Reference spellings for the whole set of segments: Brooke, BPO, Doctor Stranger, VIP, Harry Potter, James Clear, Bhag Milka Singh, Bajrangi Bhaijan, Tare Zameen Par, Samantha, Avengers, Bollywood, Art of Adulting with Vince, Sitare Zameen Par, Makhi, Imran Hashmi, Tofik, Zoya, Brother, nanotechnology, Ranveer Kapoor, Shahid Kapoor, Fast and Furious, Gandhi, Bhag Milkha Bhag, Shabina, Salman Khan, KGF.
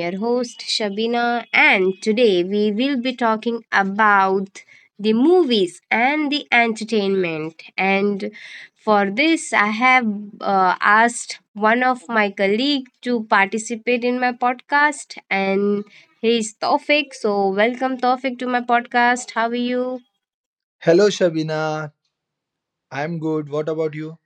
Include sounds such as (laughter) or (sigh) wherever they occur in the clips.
your host, Shabina, and today we will be talking about the movies and the entertainment. And for this, I have asked one of my colleague to participate in my podcast, and he is Tofik. So, welcome, Tofik, to my podcast. How are you? Hello, Shabina. I'm good. What about you?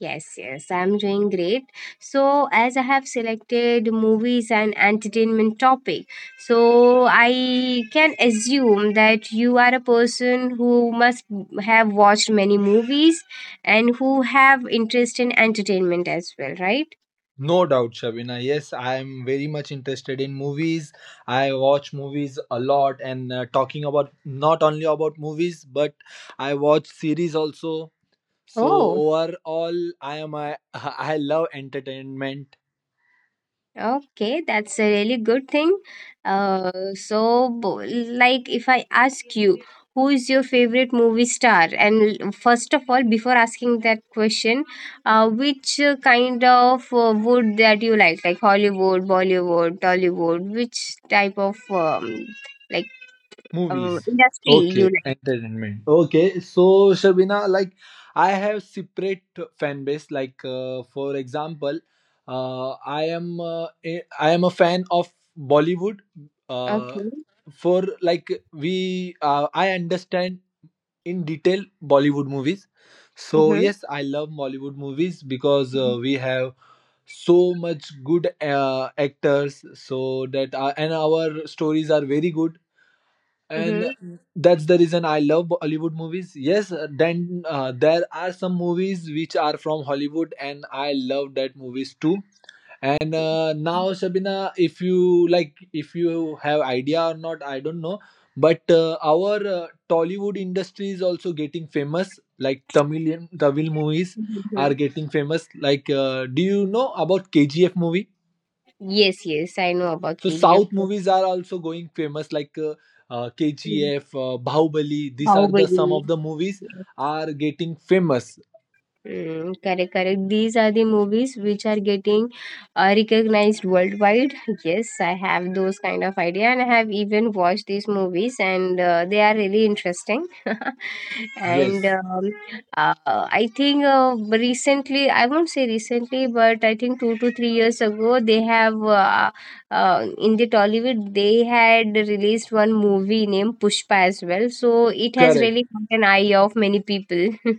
Yes, yes, I'm doing great. So, as I have selected movies and entertainment topic, so I can assume that you are a person who must have watched many movies and who have interest in entertainment as well, right? No doubt, Shabina. Yes, I am very much interested in movies. I watch movies a lot, and talking about not only about movies, but I watch series also. So Oh, overall, (laughs) I love entertainment. okay, that's a really good thing. So, like, if I ask you, who is your favorite movie star? And first of all, before asking that question, which kind of wood that you like Hollywood, Bollywood, Tollywood, which type of like Movies. industry you Okay, like? entertainment. Okay, so Shabina, like I have separate fan base. Like for example, I am I am a fan of Bollywood. Uh, Okay. for like we I understand in detail Bollywood movies. So Mm-hmm. yes, I love Bollywood movies because we have so much good actors so that and our stories are very good, and Mm-hmm. that's the reason I love Bollywood movies. Yes. Then there are some movies which are from Hollywood, and I love that movies too. And now Shabina, if you like if you have idea or not, I don't know, but our Tollywood industry is also getting famous, like Tamil movies are Mm-hmm. getting famous. Like do you know about KGF movie? Yes, yes, I know about So KGF. South movies are also going famous, like Mhm. KGF, Bahubali. These are the some Bahubali. of the movies are getting famous. Mm, correct, correct. These are the movies which are getting recognized worldwide. Yes, I have those kind of idea, and I have even watched these movies, and they are really interesting. (laughs) and Yes, um, uh, I think recently, I won't say recently, but I think 2 to 3 years ago, they have in the Tollywood they had released one movie named Pushpa as well. So it has correct. really caught an eye of many people. (laughs)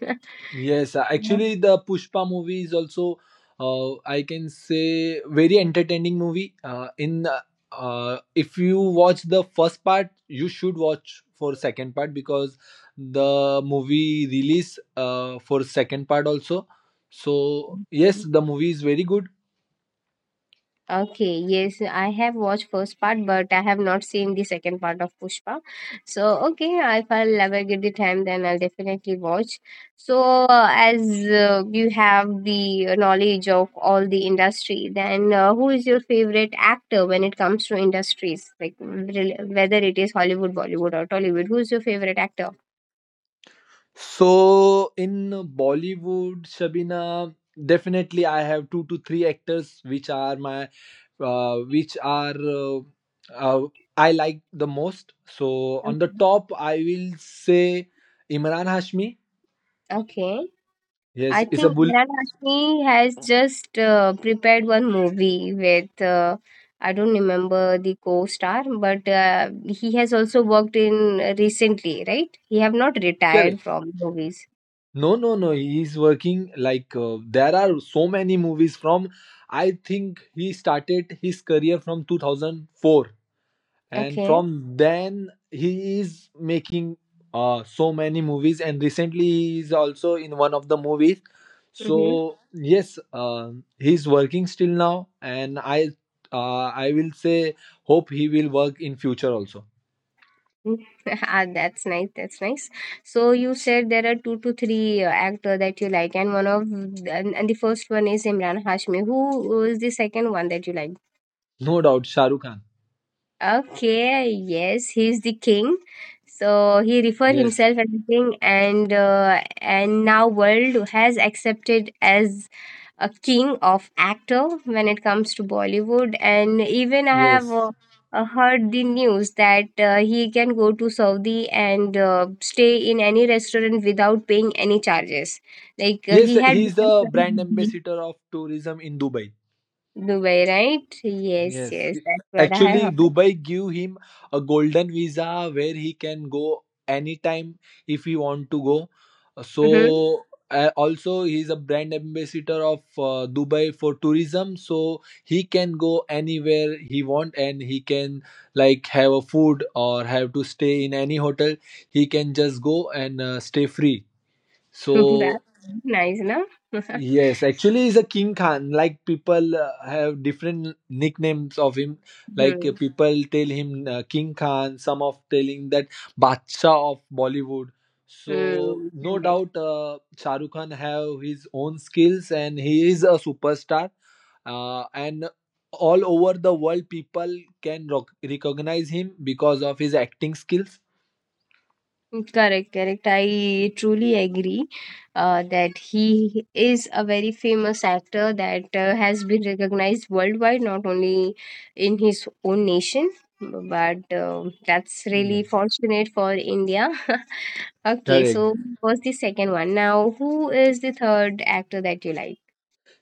Yes, actually, the Pushpa movie is also, I can say, very entertaining movie. In if you watch the first part, you should watch for second part because the movie release for second part also. So yes, Mhm. the movie is very good. Okay, yes, I have watched first part, but I have not seen the second part of Pushpa. So, okay, if I'll ever get the time, then I'll definitely watch. So, as you have the knowledge of all the industry, then who is your favorite actor when it comes to industries, like whether it is Hollywood, Bollywood, or Tollywood? Who is your favorite actor? So in Bollywood, Shabina, definitely I have two to three actors which are my which are uh, I like the most. So on the Okay. top, I will say Imran Hashmi. Okay. Yes, I it's a think bull. Meera Rashmi has just prepared one movie with I don't remember the co-star, but he has also worked in recently, right? He have not retired Correct. from movies. No, no, no. He is working like there are so many movies from. I think he started his career from 2004. And Okay. from then he is making so many movies, and recently he is also in one of the movies. So Mm-hmm. yes, he's working still now, and I will say hope he will work in future also. (laughs) Ah, that's nice. That's nice. So you said there are two to three actor that you like, and the first one is Imran Hashmi. Who is the second one that you like? No doubt. Shahrukh Khan. Okay, yes, he's the king. So he referred Yes, himself as the king, and now world has accepted as a king of actor when it comes to Bollywood. And even I have yes, heard the news that he can go to Saudi and stay in any restaurant without paying any charges. Like yes. he had He is the become from brand Dubai, ambassador of tourism in Dubai. right? Yes, Yes, yes, that's what I have actually, heard. Dubai give him a golden visa where he can go anytime if he want to go. Hmm. So also he's a brand ambassador of Dubai for tourism, so he can go anywhere he want, and he can like have a food or have to stay in any hotel. He can just go and stay free. (laughs) So That's nice, no? yes, actually, he's a King Khan. Like people have different nicknames of him. Like Mhm. people tell him King Khan. Some of telling that Badshah of Bollywood. So Mm, no correct. doubt, Shah Rukh Khan have his own skills, and he is a superstar. And all over the world, people can roc recognize him because of his acting skills. Mm, correct, correct. I truly agree that he is a very famous actor that has been recognized worldwide, not only in his own nation, but that's really Yeah. fortunate for India. (laughs) Okay, Correct. so what's the second one? Now, who is the third actor that you like?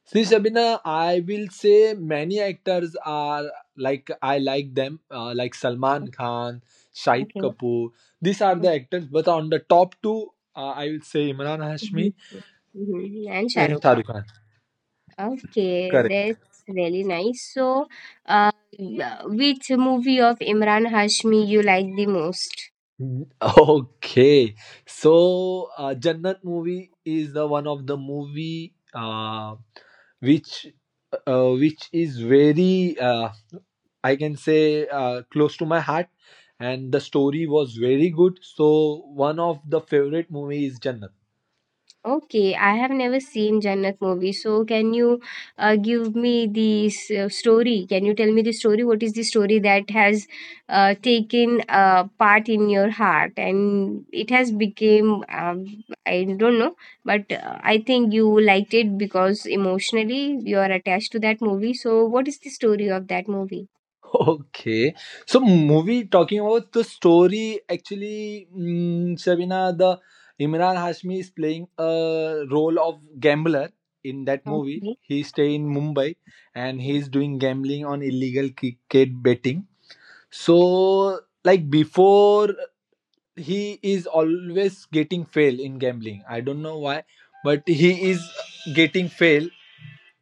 See, Shabina, I will say many actors are like I like them, like Salman Khan, Shahid Okay. Kapoor. These are the actors, but on the top two, I will say Imran Hashmi Mm-hmm. And and Shahrukh Shah Khan. Rukh Khan. Okay, Correct. that's really nice. So, uh, yeah, which movie of Imran Hashmi you like the most? (laughs) Okay, so Jannat movie is the one of the movie which which is very I can say close to my heart, and the story was very good. So one of the favorite movie is Jannat. (laughs) Okay, I have never seen Jannat movie. So, can you give me the story? Can you tell me the story? What is the story that has taken part in your heart and it has became I don't know, but I think you liked it because emotionally you are attached to that movie. So, what is the story of that movie? Okay, so movie talking about the story actually, Shabina, the Imran Hashmi is playing a role of gambler in that movie. Okay. He stay in Mumbai, and he Mhm, is doing gambling on illegal cricket betting. So like before he is always getting fail in gambling. I don't know why, but he is getting fail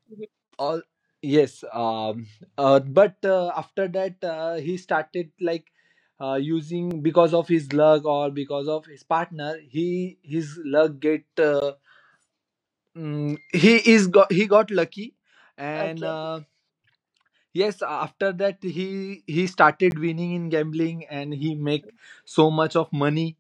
mhm. all. Yes. But after that he started like using because of his luck or because of his partner he his luck he got lucky, and Okay. Yes after that he started winning in gambling, and he make so much of money.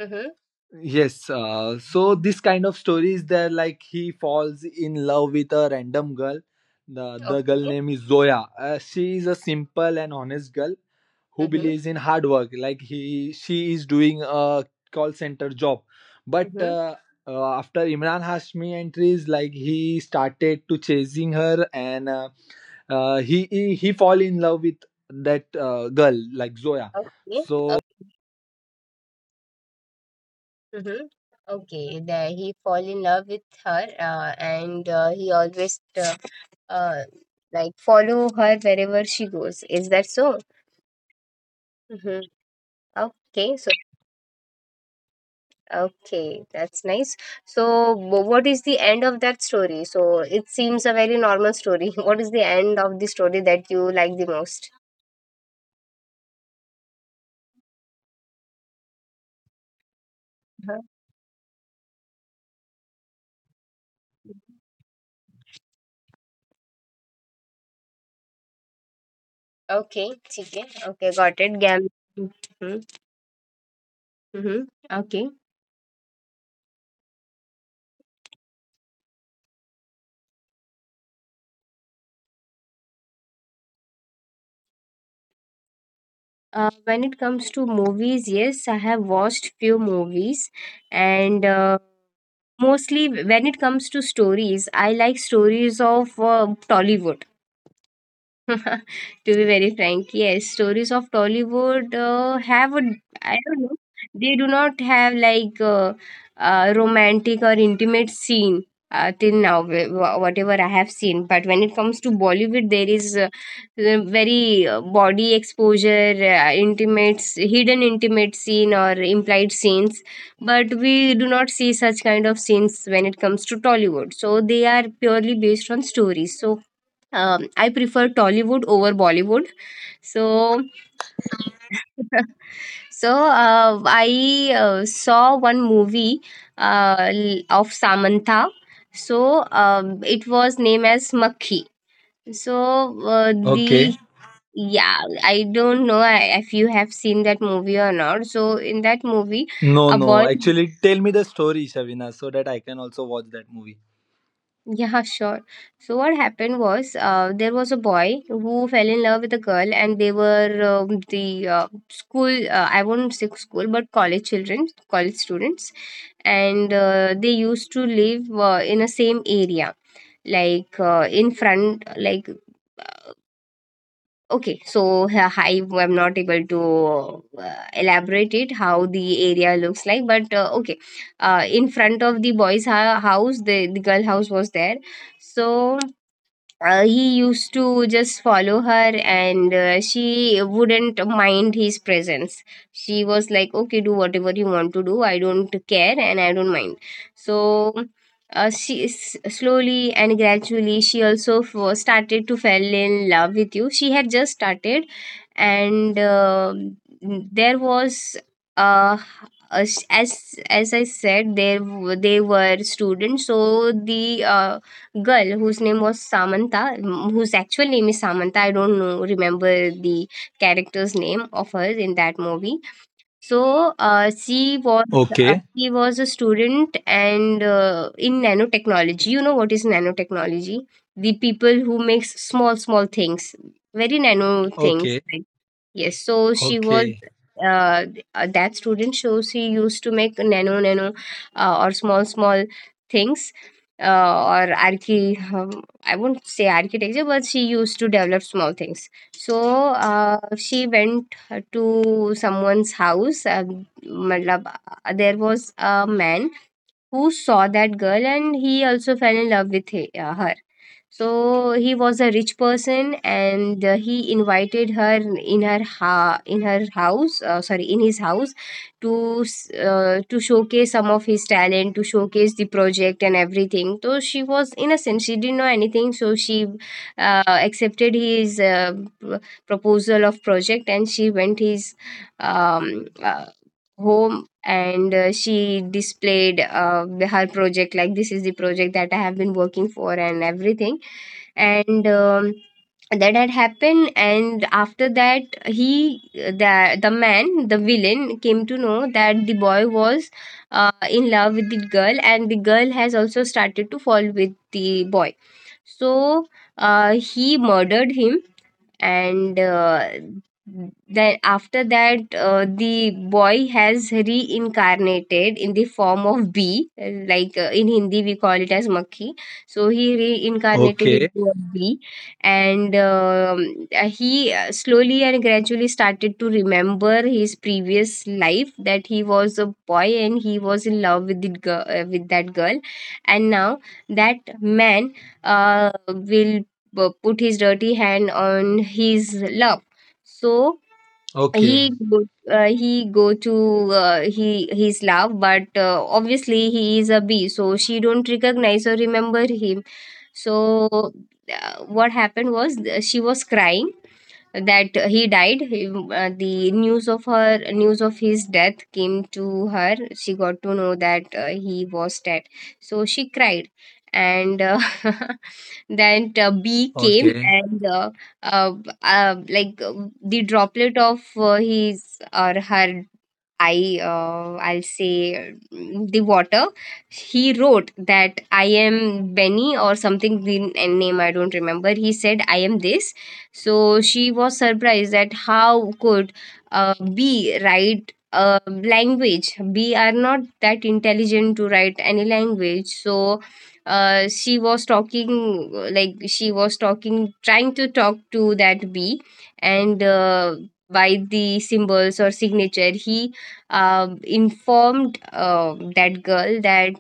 Mm-hmm. Yes, so this kind of stories there, like he falls in love with a random girl. The girl Okay. name is Zoya. She is a simple and honest girl who Mm-hmm. believes in hard work. Like she is doing a call center job, but Mm-hmm. After Imran Hashmi entries, like he started to chasing her, and he fall in love with that girl, like Zoya. Okay. So Okay. Mm-hmm. Okay. That he fall in love with her, and he always uh, like follow her wherever she goes. Is that so? Mm-hmm. Okay. So okay, that's nice. So what is the end of that story? So it seems a very normal story. (laughs) What is the end of the story that you like the most? Okay, chicken. Okay, got it. Gam. Mm-hmm. Mm-hmm. Okay. When it comes to movies, yes, I have watched few movies, and mostly when it comes to stories, I like stories of Tollywood. (laughs) To be very frank, yes, stories of Tollywood have a, I don't know, they do not have like a romantic or intimate scene till now, whatever I have seen. But when it comes to Bollywood, there is the very body exposure, intimate, hidden intimate scene or implied scenes. But we do not see such kind of scenes when it comes to Tollywood. So they are purely based on stories. So I prefer Tollywood over Bollywood. So, (laughs) so I saw one movie of Samantha. So it was named as Makhi. So okay. the yeah, I don't know if you have seen that movie or not. So in that movie, No, a no. boy. Actually, tell me the story, Shavina, so that I can also watch that movie. Yeah, sure. So what happened was, there was a boy who fell in love with a girl, and they were the school. I won't say school, but college children, college students, and they used to live in the same area, like in front, like. Okay, so I am not able to elaborate it how the area looks like, but okay, in front of the boys' house, the girl house was there. So he used to just follow her, and she wouldn't mind his presence. She was like, okay, do whatever you want to do. I don't care and I don't mind. So she slowly and gradually she also started to fell in love with you. She had just started, and there was uh, as I said, there they were students. So the girl whose name was Samantha, whose actual name is Samantha. I don't know, remember the character's name of her in that movie. So she was uh, Okay. she was a student and in nanotechnology. You know what is nanotechnology? The people who makes small small things, very nano things. Okay. Yes, so she was Okay. That student. So she used to make nano nano or small small things uh, or archi. I won't say architecture, but she used to develop small things. So she went to someone's house. Matlab, there was a man who saw that girl, and he also fell in love with her. So he was a rich person, and he invited her in her house. Sorry, in his house, to showcase some of his talent, to showcase the project and everything. So she was innocent; she didn't know anything. So she accepted his p- proposal of project, and she went his um, uh, home, and she displayed her project, like, this is the project that I have been working for and everything. And that had happened, and after that he the man the villain came to know that the boy was in love with the girl, and the girl has also started to fall with the boy. So he murdered him, and then after that the boy has reincarnated in the form of bee, like, in Hindi we call it as makhi. So he reincarnated Okay. into a bee, and he slowly and gradually started to remember his previous life, that he was a boy and he was in love with that girl. And now that man will put his dirty hand on his love. So Okay. he go- uh, he go to he his love, but obviously he is a bee, so she don't recognize or remember him. So what happened was she was crying that he died. The news of his death came to her. She got to know that he was dead. So she cried, and (laughs) then bee came, Okay. and uh, like the droplet of his or her I'll say the water. He wrote that I am Benny or something, the name I don't remember. He said I am this. So she was surprised that how could B write a language. B are not that intelligent to write any language. So she was talking trying to talk to that B, and by the symbols or signature he informed that girl that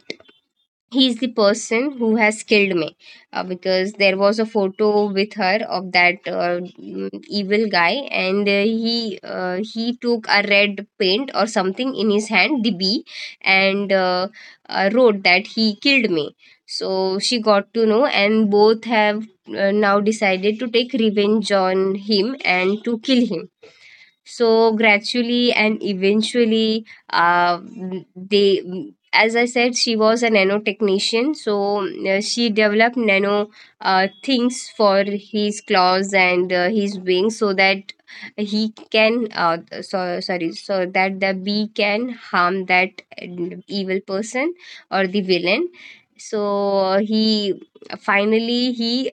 he's the person who has killed me, because there was a photo with her of that evil guy. And he took a red paint or something in his hand, the bee, and wrote that he killed me. So she got to know, and both have now decided to take revenge on him and to kill him. So gradually and eventually, uh, they, as I said, she was a nanotechnician. So she developed nano things for his claws and his wings, so that he can, so sorry, so that the bee can harm that evil person or the villain. So he finally he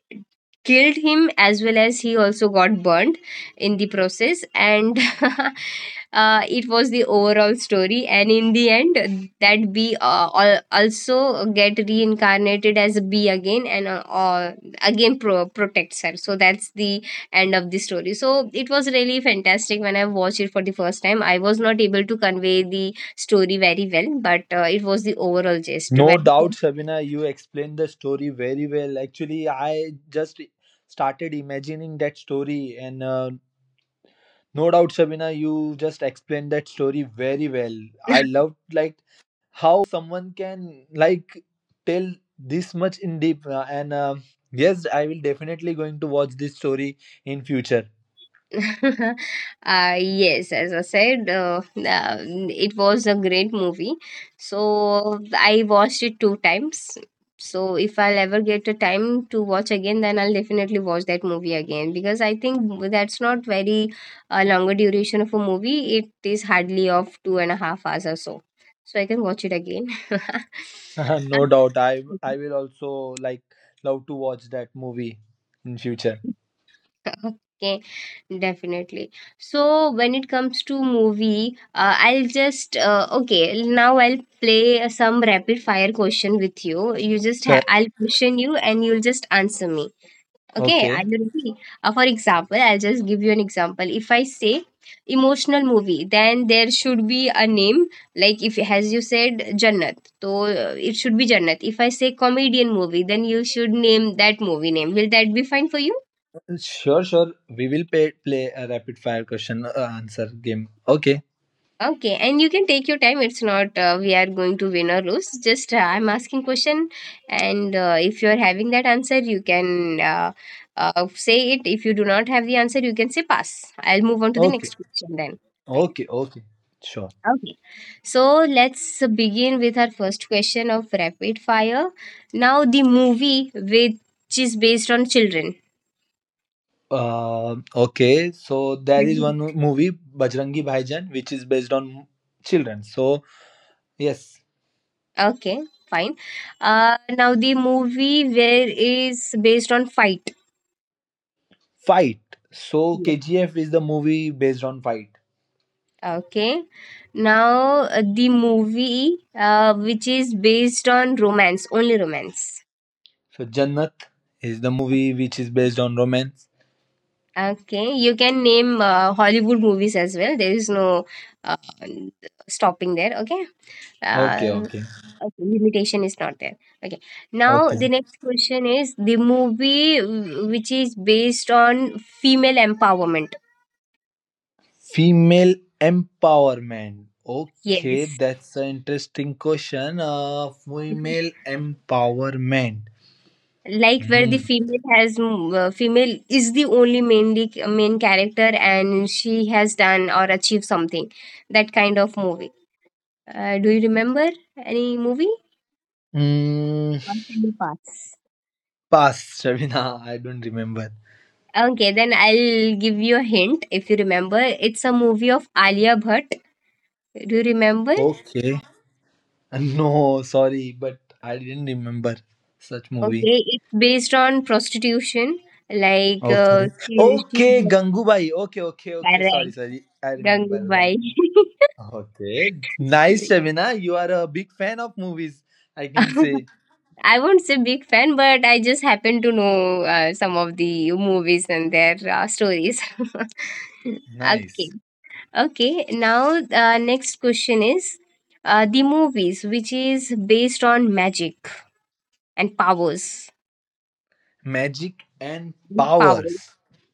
killed him, as well as he also got burnt in the process. And (laughs) it was the overall story. And in the end that bee also get reincarnated as a bee again, and again protects her. So that's the end of the story. So it was really fantastic when I watched it for the first time. I was not able to convey the story very well, but it was the overall gist. No When doubt, Shavina, you explained the story very well. Actually, I just started imagining that story, and no doubt, Shavina, you just explained that story very well. I (laughs) loved like how someone can like tell this much in deep, and yes I will definitely going to watch this story in future. (laughs) Yes, as I said, it was a great movie. So I watched it two times. So if I'll ever get a time to watch again, then I'll definitely watch that movie again, because I think that's not very longer duration of a movie. It is hardly of 2.5 hours or so. So I can watch it again. (laughs) (laughs) No doubt, i Uh, i will also like love to watch that movie in future. Okay, definitely. So when it comes to movie, I'll just okay, now I'll play some rapid fire question with you. You just ha Cor- I'll question you, and you'll just answer me. Okay, are okay, you ready? For example, I'll just give you an example. If I say emotional movie, then there should be a name. Like if as you said Jannat, so it should be Jannat. If I say comedian movie, then you should name that movie name. Will that be fine for you? sure, sure, we will play a rapid fire question answer game. Okay, Okay, and you can take your time. It's not we are going to win or lose. Just I'm asking question, and if you are having that answer, you can say it. If you do not have the answer, you can say pass. I'll move on to the okay, next question then. Okay. okay, okay, sure. Okay. So let's begin with our first question of rapid fire. Now the movie which is based on children. Okay, so there is one (laughs) movie Bajrangi Bhaijan which is based on children. So yes. Okay, fine. Now the movie where is based on fight. Fight. So KGF is the movie based on fight. Okay. Now the movie which is based on romance, only romance. So Jannat is the movie which is based on romance. Okay. You can name Hollywood movies as well. There is no uh, stopping there. Okay. Okay, Uh, okay, okay. Limitation is not there. Okay. Now okay. the next question is the movie which is based on female empowerment. Female empowerment. Okay, Yes. that's an interesting question. (laughs) Female empowerment. Like where Hmm. the female has female is the only mainly main character, and she has done or achieved something, that kind of movie. Do you remember any movie, Mm, or can you pass? pass, Shabina. I don't remember. Okay, then I'll give you a hint. If you remember, it's a movie of Alia Bhatt, do you remember? Okay. (laughs) No, sorry, but I didn't remember such movie. Okay, it's based on prostitution, like Okay. She Okay, Gangubai. Okay, okay, okay. Sorry, correct sorry. I remember one. Gangubai. Okay. Nice, Shabina. You are a big fan of movies. I can (laughs) say I won't say big fan, but I just happen to know some of the movies and their stories. (laughs) Okay, nice. okay. Now, next question is the movies which is based on magic and powers. Magic and Power, powers.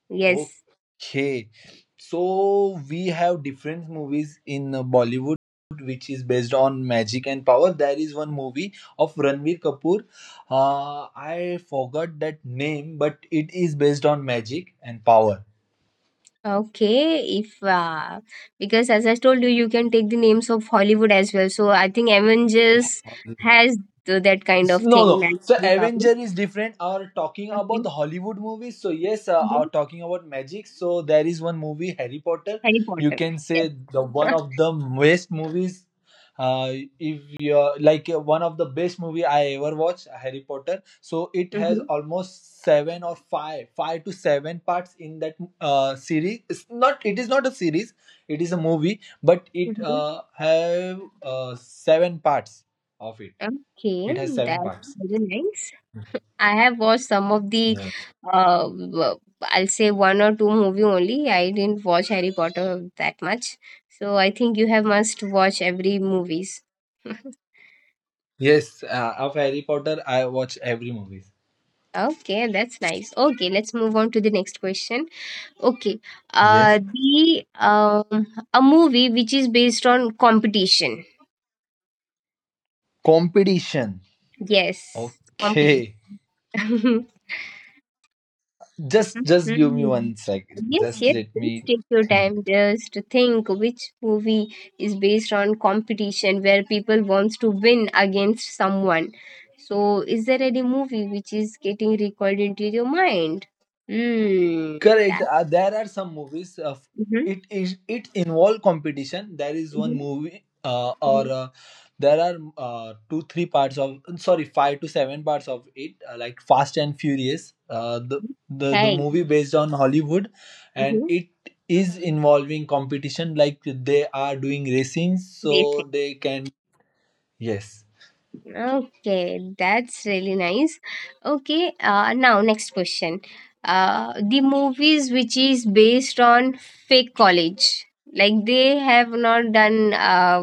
yes. Okay. So we have different movies in Bollywood which is based on magic and power. There is one movie of Ranveer Kapoor. I forgot that name, but it is based on magic and power. Okay, if because as I told you, you can take the names of Hollywood as well. So I think Avengers has that kind of No, thing, no. magic So and power. Avenger is different. Are talking Okay, about the Hollywood movies. So yes, are then talking about magic. So there is one movie Harry Potter. Harry You Potter. can Yes. say the one (laughs) of the best movies. If you're like one of the best movie I ever watched, Harry Potter. So it has Mhm, almost seven or five, five to seven parts in that series. It's not. It is not a series. It is a movie, but it mhm. Have seven parts of it. Okay, It has seven that's parts. very nice. I have watched some of the, Yeah. I'll say one or two movie only. I didn't watch Harry Potter that much, so I think you have must watch every movies. (laughs) Yes, of Harry Potter, I watch every movies. Okay, that's nice. Okay, let's move on to the next question. Okay, Yes. the a movie which is based on competition. Competition. Yes, Okay. competition. (laughs) Just give me Mhm. one sec. Yes, Just yes, let please me take your time just to think which movie is based on competition, where people wants to win against someone. So, is there any movie which is getting recalled into your mind? Hmm, Correct. that. There are some movies. Mm-hmm, It is it involve competition. There is one mm-hmm. movie, or there are two three parts of sorry five to seven parts of it, like Fast and Furious. The Okay. movie based on Hollywood, and Mm-hmm. it is involving competition. Like they are doing racing, so they can yes. Okay, that's really nice. Okay, now next question. The movies which is based on fake college, like they have not done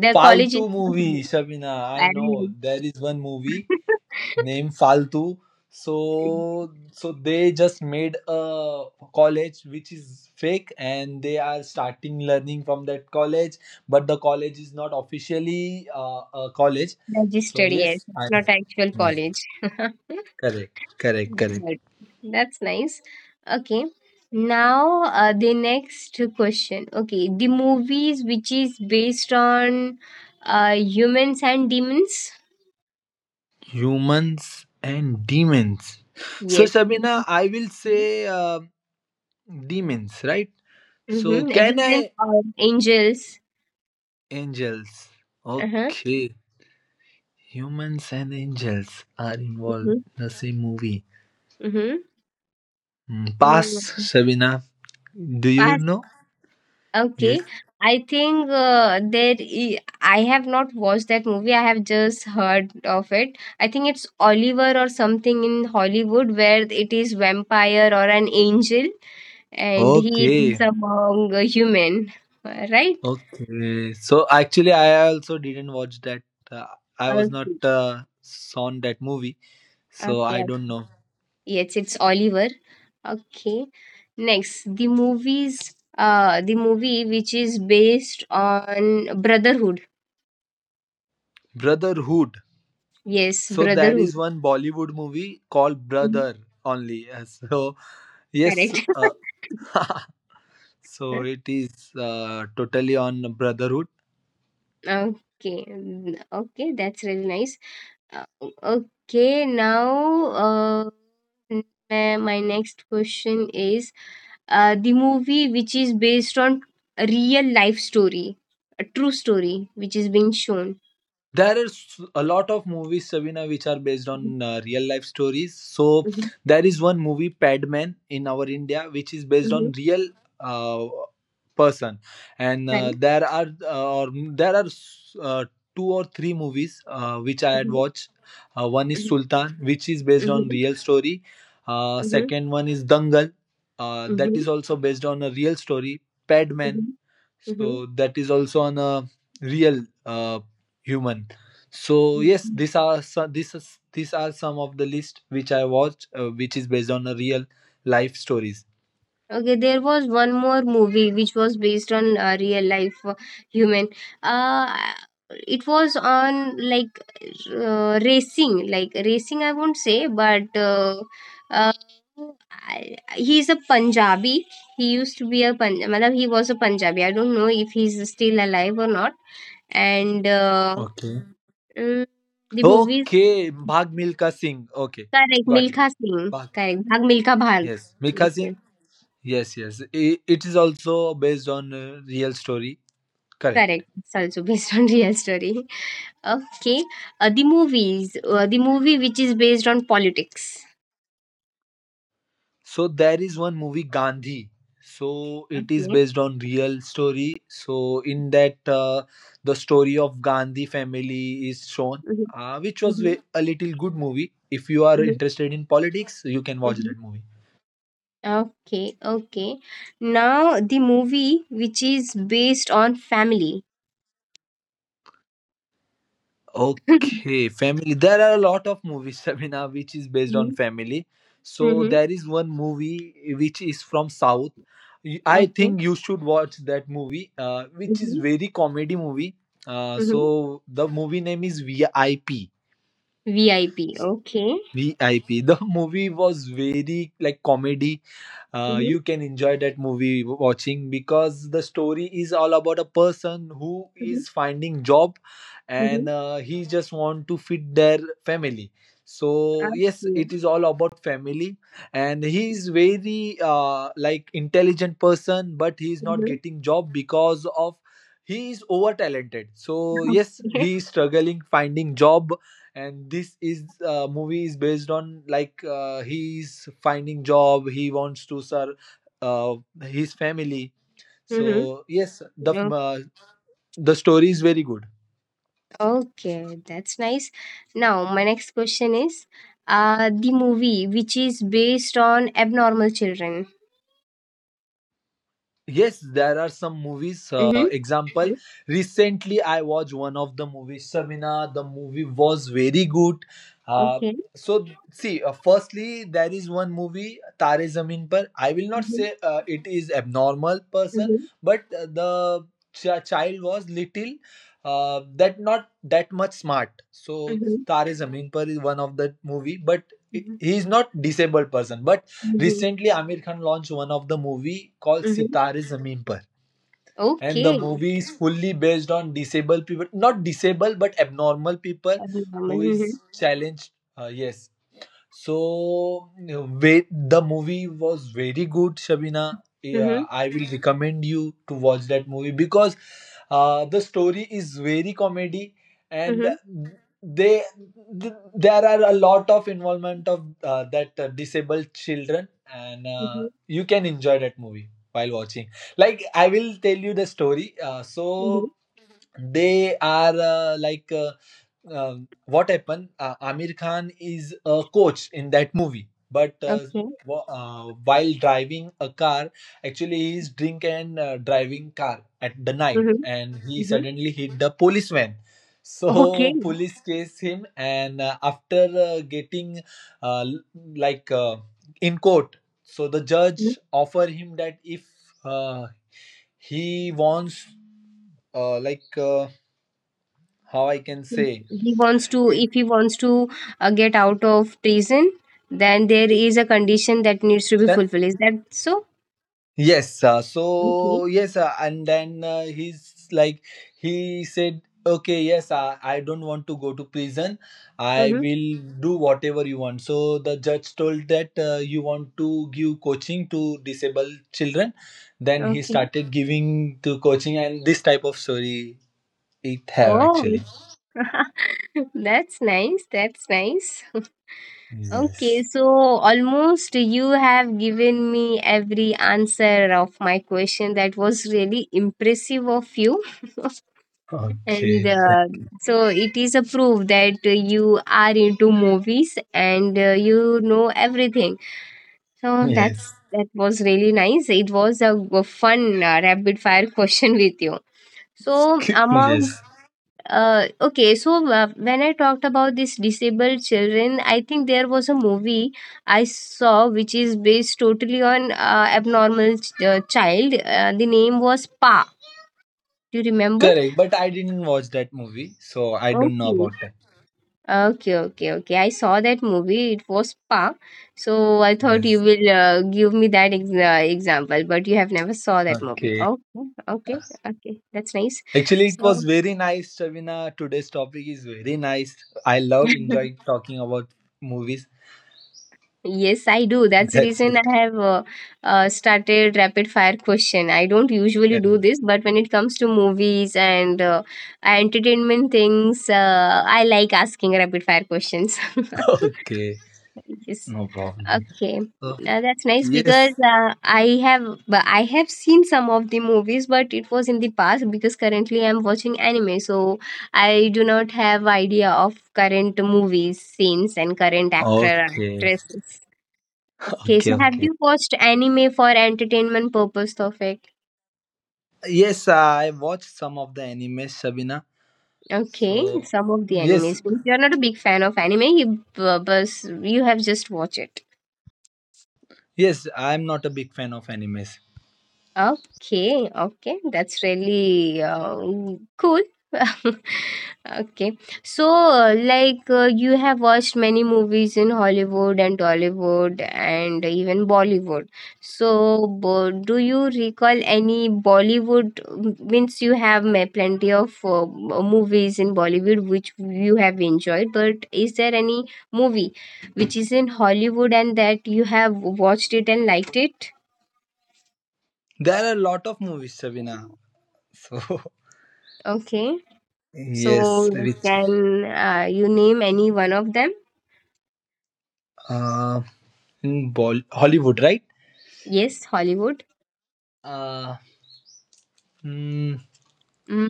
their college is Faltu not movie, real. Shabina. I I don't know know. there is one movie (laughs) name Faltu. So they just made a college which is fake, and they are starting learning from that college, but the college is not officially a college. So Registered, yes, yes, it's I not actual yes, college. (laughs) correct, correct, correct. Good. That's nice. Okay. Now, the next question. Okay, the movies which is based on humans and demons. Humans and demons. So Yes. Sabina, Humans. I will say demons, right? So Mm-hmm. can Demons I or angels. angels? Uh-huh. Okay. Humans and angels are involved Mm-hmm. in the same movie. Pass, Mm-hmm. Shabina. Do you know? Yes. Okay, I think there I have not watched that movie. I have just heard of it. I think it's Oliver or something in Hollywood, where it is vampire or an angel and he is Okay. among a human. Right? Okay. So actually, I also didn't watch that. Uh, I was not Okay, on that movie, so okay, I okay. don't know. Yes, it's Oliver. Okay. Next, the movie which is based on brotherhood. Brotherhood. Yes, So there brotherhood. is one Bollywood movie called Mhm. Brother only. (laughs) So yes, Correct. (laughs) (laughs) So it is totally on Brotherhood. Okay, mm, okay, that's really nice. Uh, okay, now n- my next question is the movie which is based on a real life story, a true story which is being shown. There are a lot of movies Sabina which are based Mm-hmm, on real life stories. So mm-hmm, there is one movie Padman in our India which is based mm-hmm. on real uh, person, and Right. there are or there are uh, two or three movies which I had Mm-hmm, watched. One is Sultan, which is based on mm-hmm, real story. Mm-hmm, Second one is Dangal, that mm-hmm, is also based on a real story. mm-hmm, Padman, mm-hmm, so that is also on a real human. So yes, mm-hmm. these are these are some of the list which I watched, which is based on a real life stories. Okay, there was one more movie which was based on real life human. Uh, it was on like racing, like racing. I won't say, but uh, I- he's a Punjabi. He used to be a Punjabi. Matlab, he was a Punjabi. I don't know if he's still alive or not. And Okay. mm, the movie is Okay, Bhag Milka Singh. Okay, correct. got it. Milkha Singh, Bhag, correct. Bhag Milkha Bhag. yes, Milka Yes, yes, Singh. Yes, yes, I it is also based on a real story. Correct. correct. It's also based on real story. Okay. The movie which is based on politics. So there is one movie Gandhi. So it is Okay. based on real story. So in that, the story of Gandhi family is shown, Mhm, which was mhm, a little good movie. If you are mhm, interested in politics, you can watch mhm. that movie. Okay, okay. Now the movie which is based on family. Okay, (laughs) family. There are a lot of movies, (laughs) Sabina, which is based on Mhm, family. So mhm. there is one movie which is from South. I Okay. think you should watch that movie, which is Mhm, very comedy movie. Mhm. So the movie name is VIP. VIP. Okay. VIP. (laughs) The movie was very like comedy, Mhm, you can enjoy that movie watching because the story is all about a person who mhm, is finding job mhm. and he just want to fit their family. So yes, Okay. it is all about family, and he is very like intelligent person, but he is not Mhm, getting job because of he is over talented. So (laughs) yes, okay. he is struggling finding job, and this is movie is based on like he's finding job, he wants to serve uh, his family. So yes, the Mhm. uh, the story is very good. Okay, that's nice. Now, my next question is the movie which is based on abnormal children. Yes, there are some movies. Mm-hmm. Example, Yes. recently I watched one of the movies, Samina. The movie was very good. Uh, Okay. so, see, firstly, there is one movie, Tare Zameen Par. I will not Mm-hmm. say it is abnormal person, Mm-hmm. but the child was little, that not that much smart. So, Mm-hmm. Tare Zameen Par is one of that movie, but he is not disabled person, but Mm-hmm. recently, Amir Khan launched one of the movie called Mm-hmm. Sitare Zameen Par, and the Okay. movie is fully based on disabled people, not disabled but abnormal people Abnormal. who Mm-hmm. is challenged. Yes, so wait, the movie was very good, Shabina. Mm-hmm. Yeah, I will recommend you to watch that movie because the story is very comedy, and Mm-hmm. they there are a lot of involvement of that disabled children, and Mm-hmm. you can enjoy that movie while watching. Like, I will tell you the story. Mm-hmm. So they are like. What happened? Amir Khan is a coach in that movie, but Okay. While driving a car, actually he's drink and driving car at the night, Mm-hmm. and he Mm-hmm. suddenly hit the policeman. (laughs) Okay. So police chase him, and after getting uh, l- like uh, in court, so the Mm-hmm. judge offer him that if uh, he wants like how I can say. He wants to, It- if he wants to get out of prison, then there is a condition that needs to be then fulfilled. Is that so? yes, Okay. so yes, and then he's like he said, okay, yes, I don't want to go to prison. I Mm-hmm. will do whatever you want. So the judge told that you want to give coaching to disabled children. Then he Okay. started giving to coaching, and this type of story it have Oh, actually. (laughs) that's nice. That's nice. (laughs) Okay, Yes. so almost you have given me every answer of my question. That was really impressive of you. (laughs) And Okay. So it is a proof that you are into movies and you know everything. So Yes. That was really nice. It was a fun rapid fire (laughs) question with you. So (laughs) among Yes. Okay, so when I talked about this disabled children, I think there was a movie I saw which is based totally on abnormal child. The name was Pa. Do you remember? Correct. But I didn't watch that movie, so I don't know Okay. about that. Okay, okay, okay. I saw that movie. It was Pa. So I thought you Yes. will give me that example, but you have never saw that movie. Okay. Okay, okay, okay. That's nice. Actually, it So. was very nice, Shavina. Today's topic is very nice. I love, enjoy (laughs) talking about movies. Yes, I do. That's the That's reason I have started rapid fire question. I don't usually it. do this, but when it comes to movies and entertainment things, I like asking rapid fire questions. (laughs) (laughs) Okay. Yes. No problem. Okay. So, Now that's nice because yes. I have seen some of the movies, but it was in the past, because currently I'm watching anime, so I do not have idea of current movies, scenes, and current actor Okay. actresses. Okay, so Okay. have Okay. you watched anime for entertainment purpose, Tawfiq? Yes, I watched some of the animes, Shavina. Okay, So, some of the yes, animes. If you're not a big fan of anime, you, bus, you have just watched it. yes, I'm not a big fan of animes. Okay, okay, that's really cool. (laughs) Okay. So, like, you have watched many movies in Hollywood and Tollywood and even Bollywood. So, do you recall any Bollywood? Means you have plenty of movies in Bollywood which you have enjoyed, but is there any movie which is in Hollywood and that you have watched it and liked it? There are a lot of movies, Shavina. So, Okay. (laughs) yes, So, which can you name any one of them? uh, Hollywood, right? Yes, Hollywood. Uh, hmm. Hmm.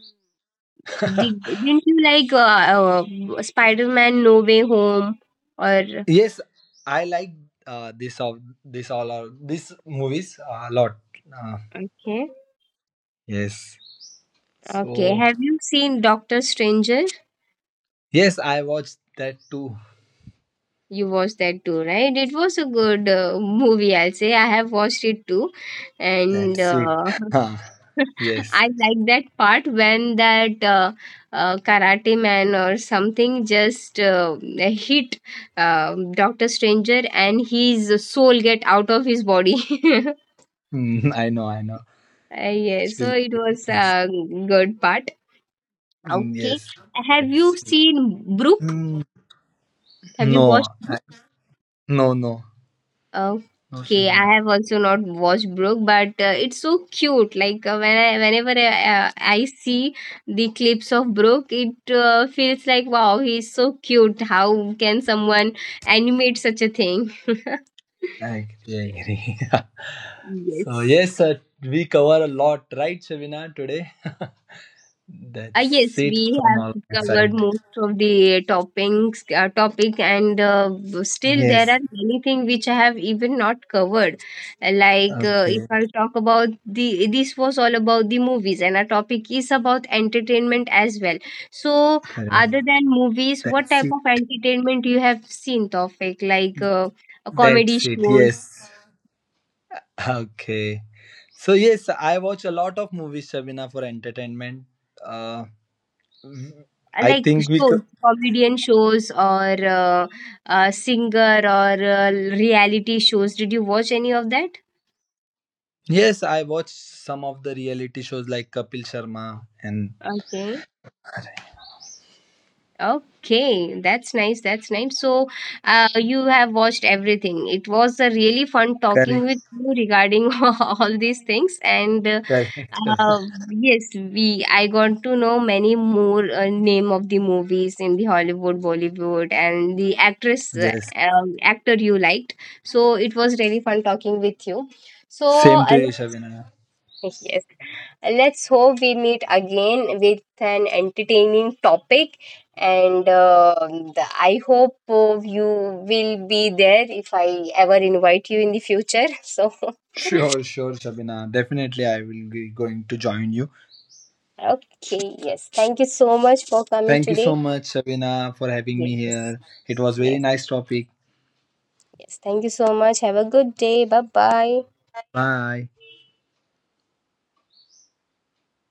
(laughs) Didn't you like Spider-Man No Way Home? Or Yes, I like this all or these movies a lot. Uh, okay, yes. okay, So have you seen Doctor Stranger? yes, I watched that too. You watched that too, right? It was a good movie, I'll say. I have watched it too, and That's it. (laughs) Huh. (laughs) Yes. I like that part when that karate man or something just hit Doctor Stranger and his soul get out of his body. (laughs) (laughs) I know. I know. Yeah, so Actually, it was yes. a good part. Okay. Yes. Have you That's it. seen Brooke? Mm. Have you No. watched? No. No. No, Okay, I Shivina. have also not watched Brooke, but it's so cute. Like whenever I see the clips of Brooke, it feels like wow, he's so cute. How can someone animate such a thing? (laughs) I agree. I agree. (laughs) So Yes. yes, we cover a lot, right, Shavina, today? (laughs) That's Yes, it we from have all my covered side. most of the topic, and still there are Yes. many things which I have even not covered. Like if Okay, I talk about the, this was all about the movies, and our topic is about entertainment as well. So, correct. other than movies, what That's type it. of entertainment you have seen, Tofik? Like comedy That's it. shows, Yes. Okay. So yes, I watch a lot of movies, Shabina, for entertainment. Uh, I like think we. shows, comedian shows, or singer or reality shows. Did you watch any of that? Yes, I watch some of the reality shows like Kapil Sharma and. Okay. Okay, that's nice. That's nice. So, you have watched everything. It was a really fun talking Correct. with you regarding (laughs) all these things. And Correct. Shabina. uh, yes, we I got to know many more name of the movies in the Hollywood, Bollywood, and the actress Yes. Actor you liked. So it was really fun talking with you. So, Same to you, Shabina. yes. Let's hope we meet again with an entertaining topic. And I hope you will be there if I ever invite you in the future. (laughs) So, Sure, sure, Shabina. Definitely, I will be going to join you. okay. Yes. Thank you so much for coming Thank you today. so much, Shabina, for having me Yes. here. It was very Yes. nice topic. Yes. Thank you so much. Have a good day. Bye bye. Bye.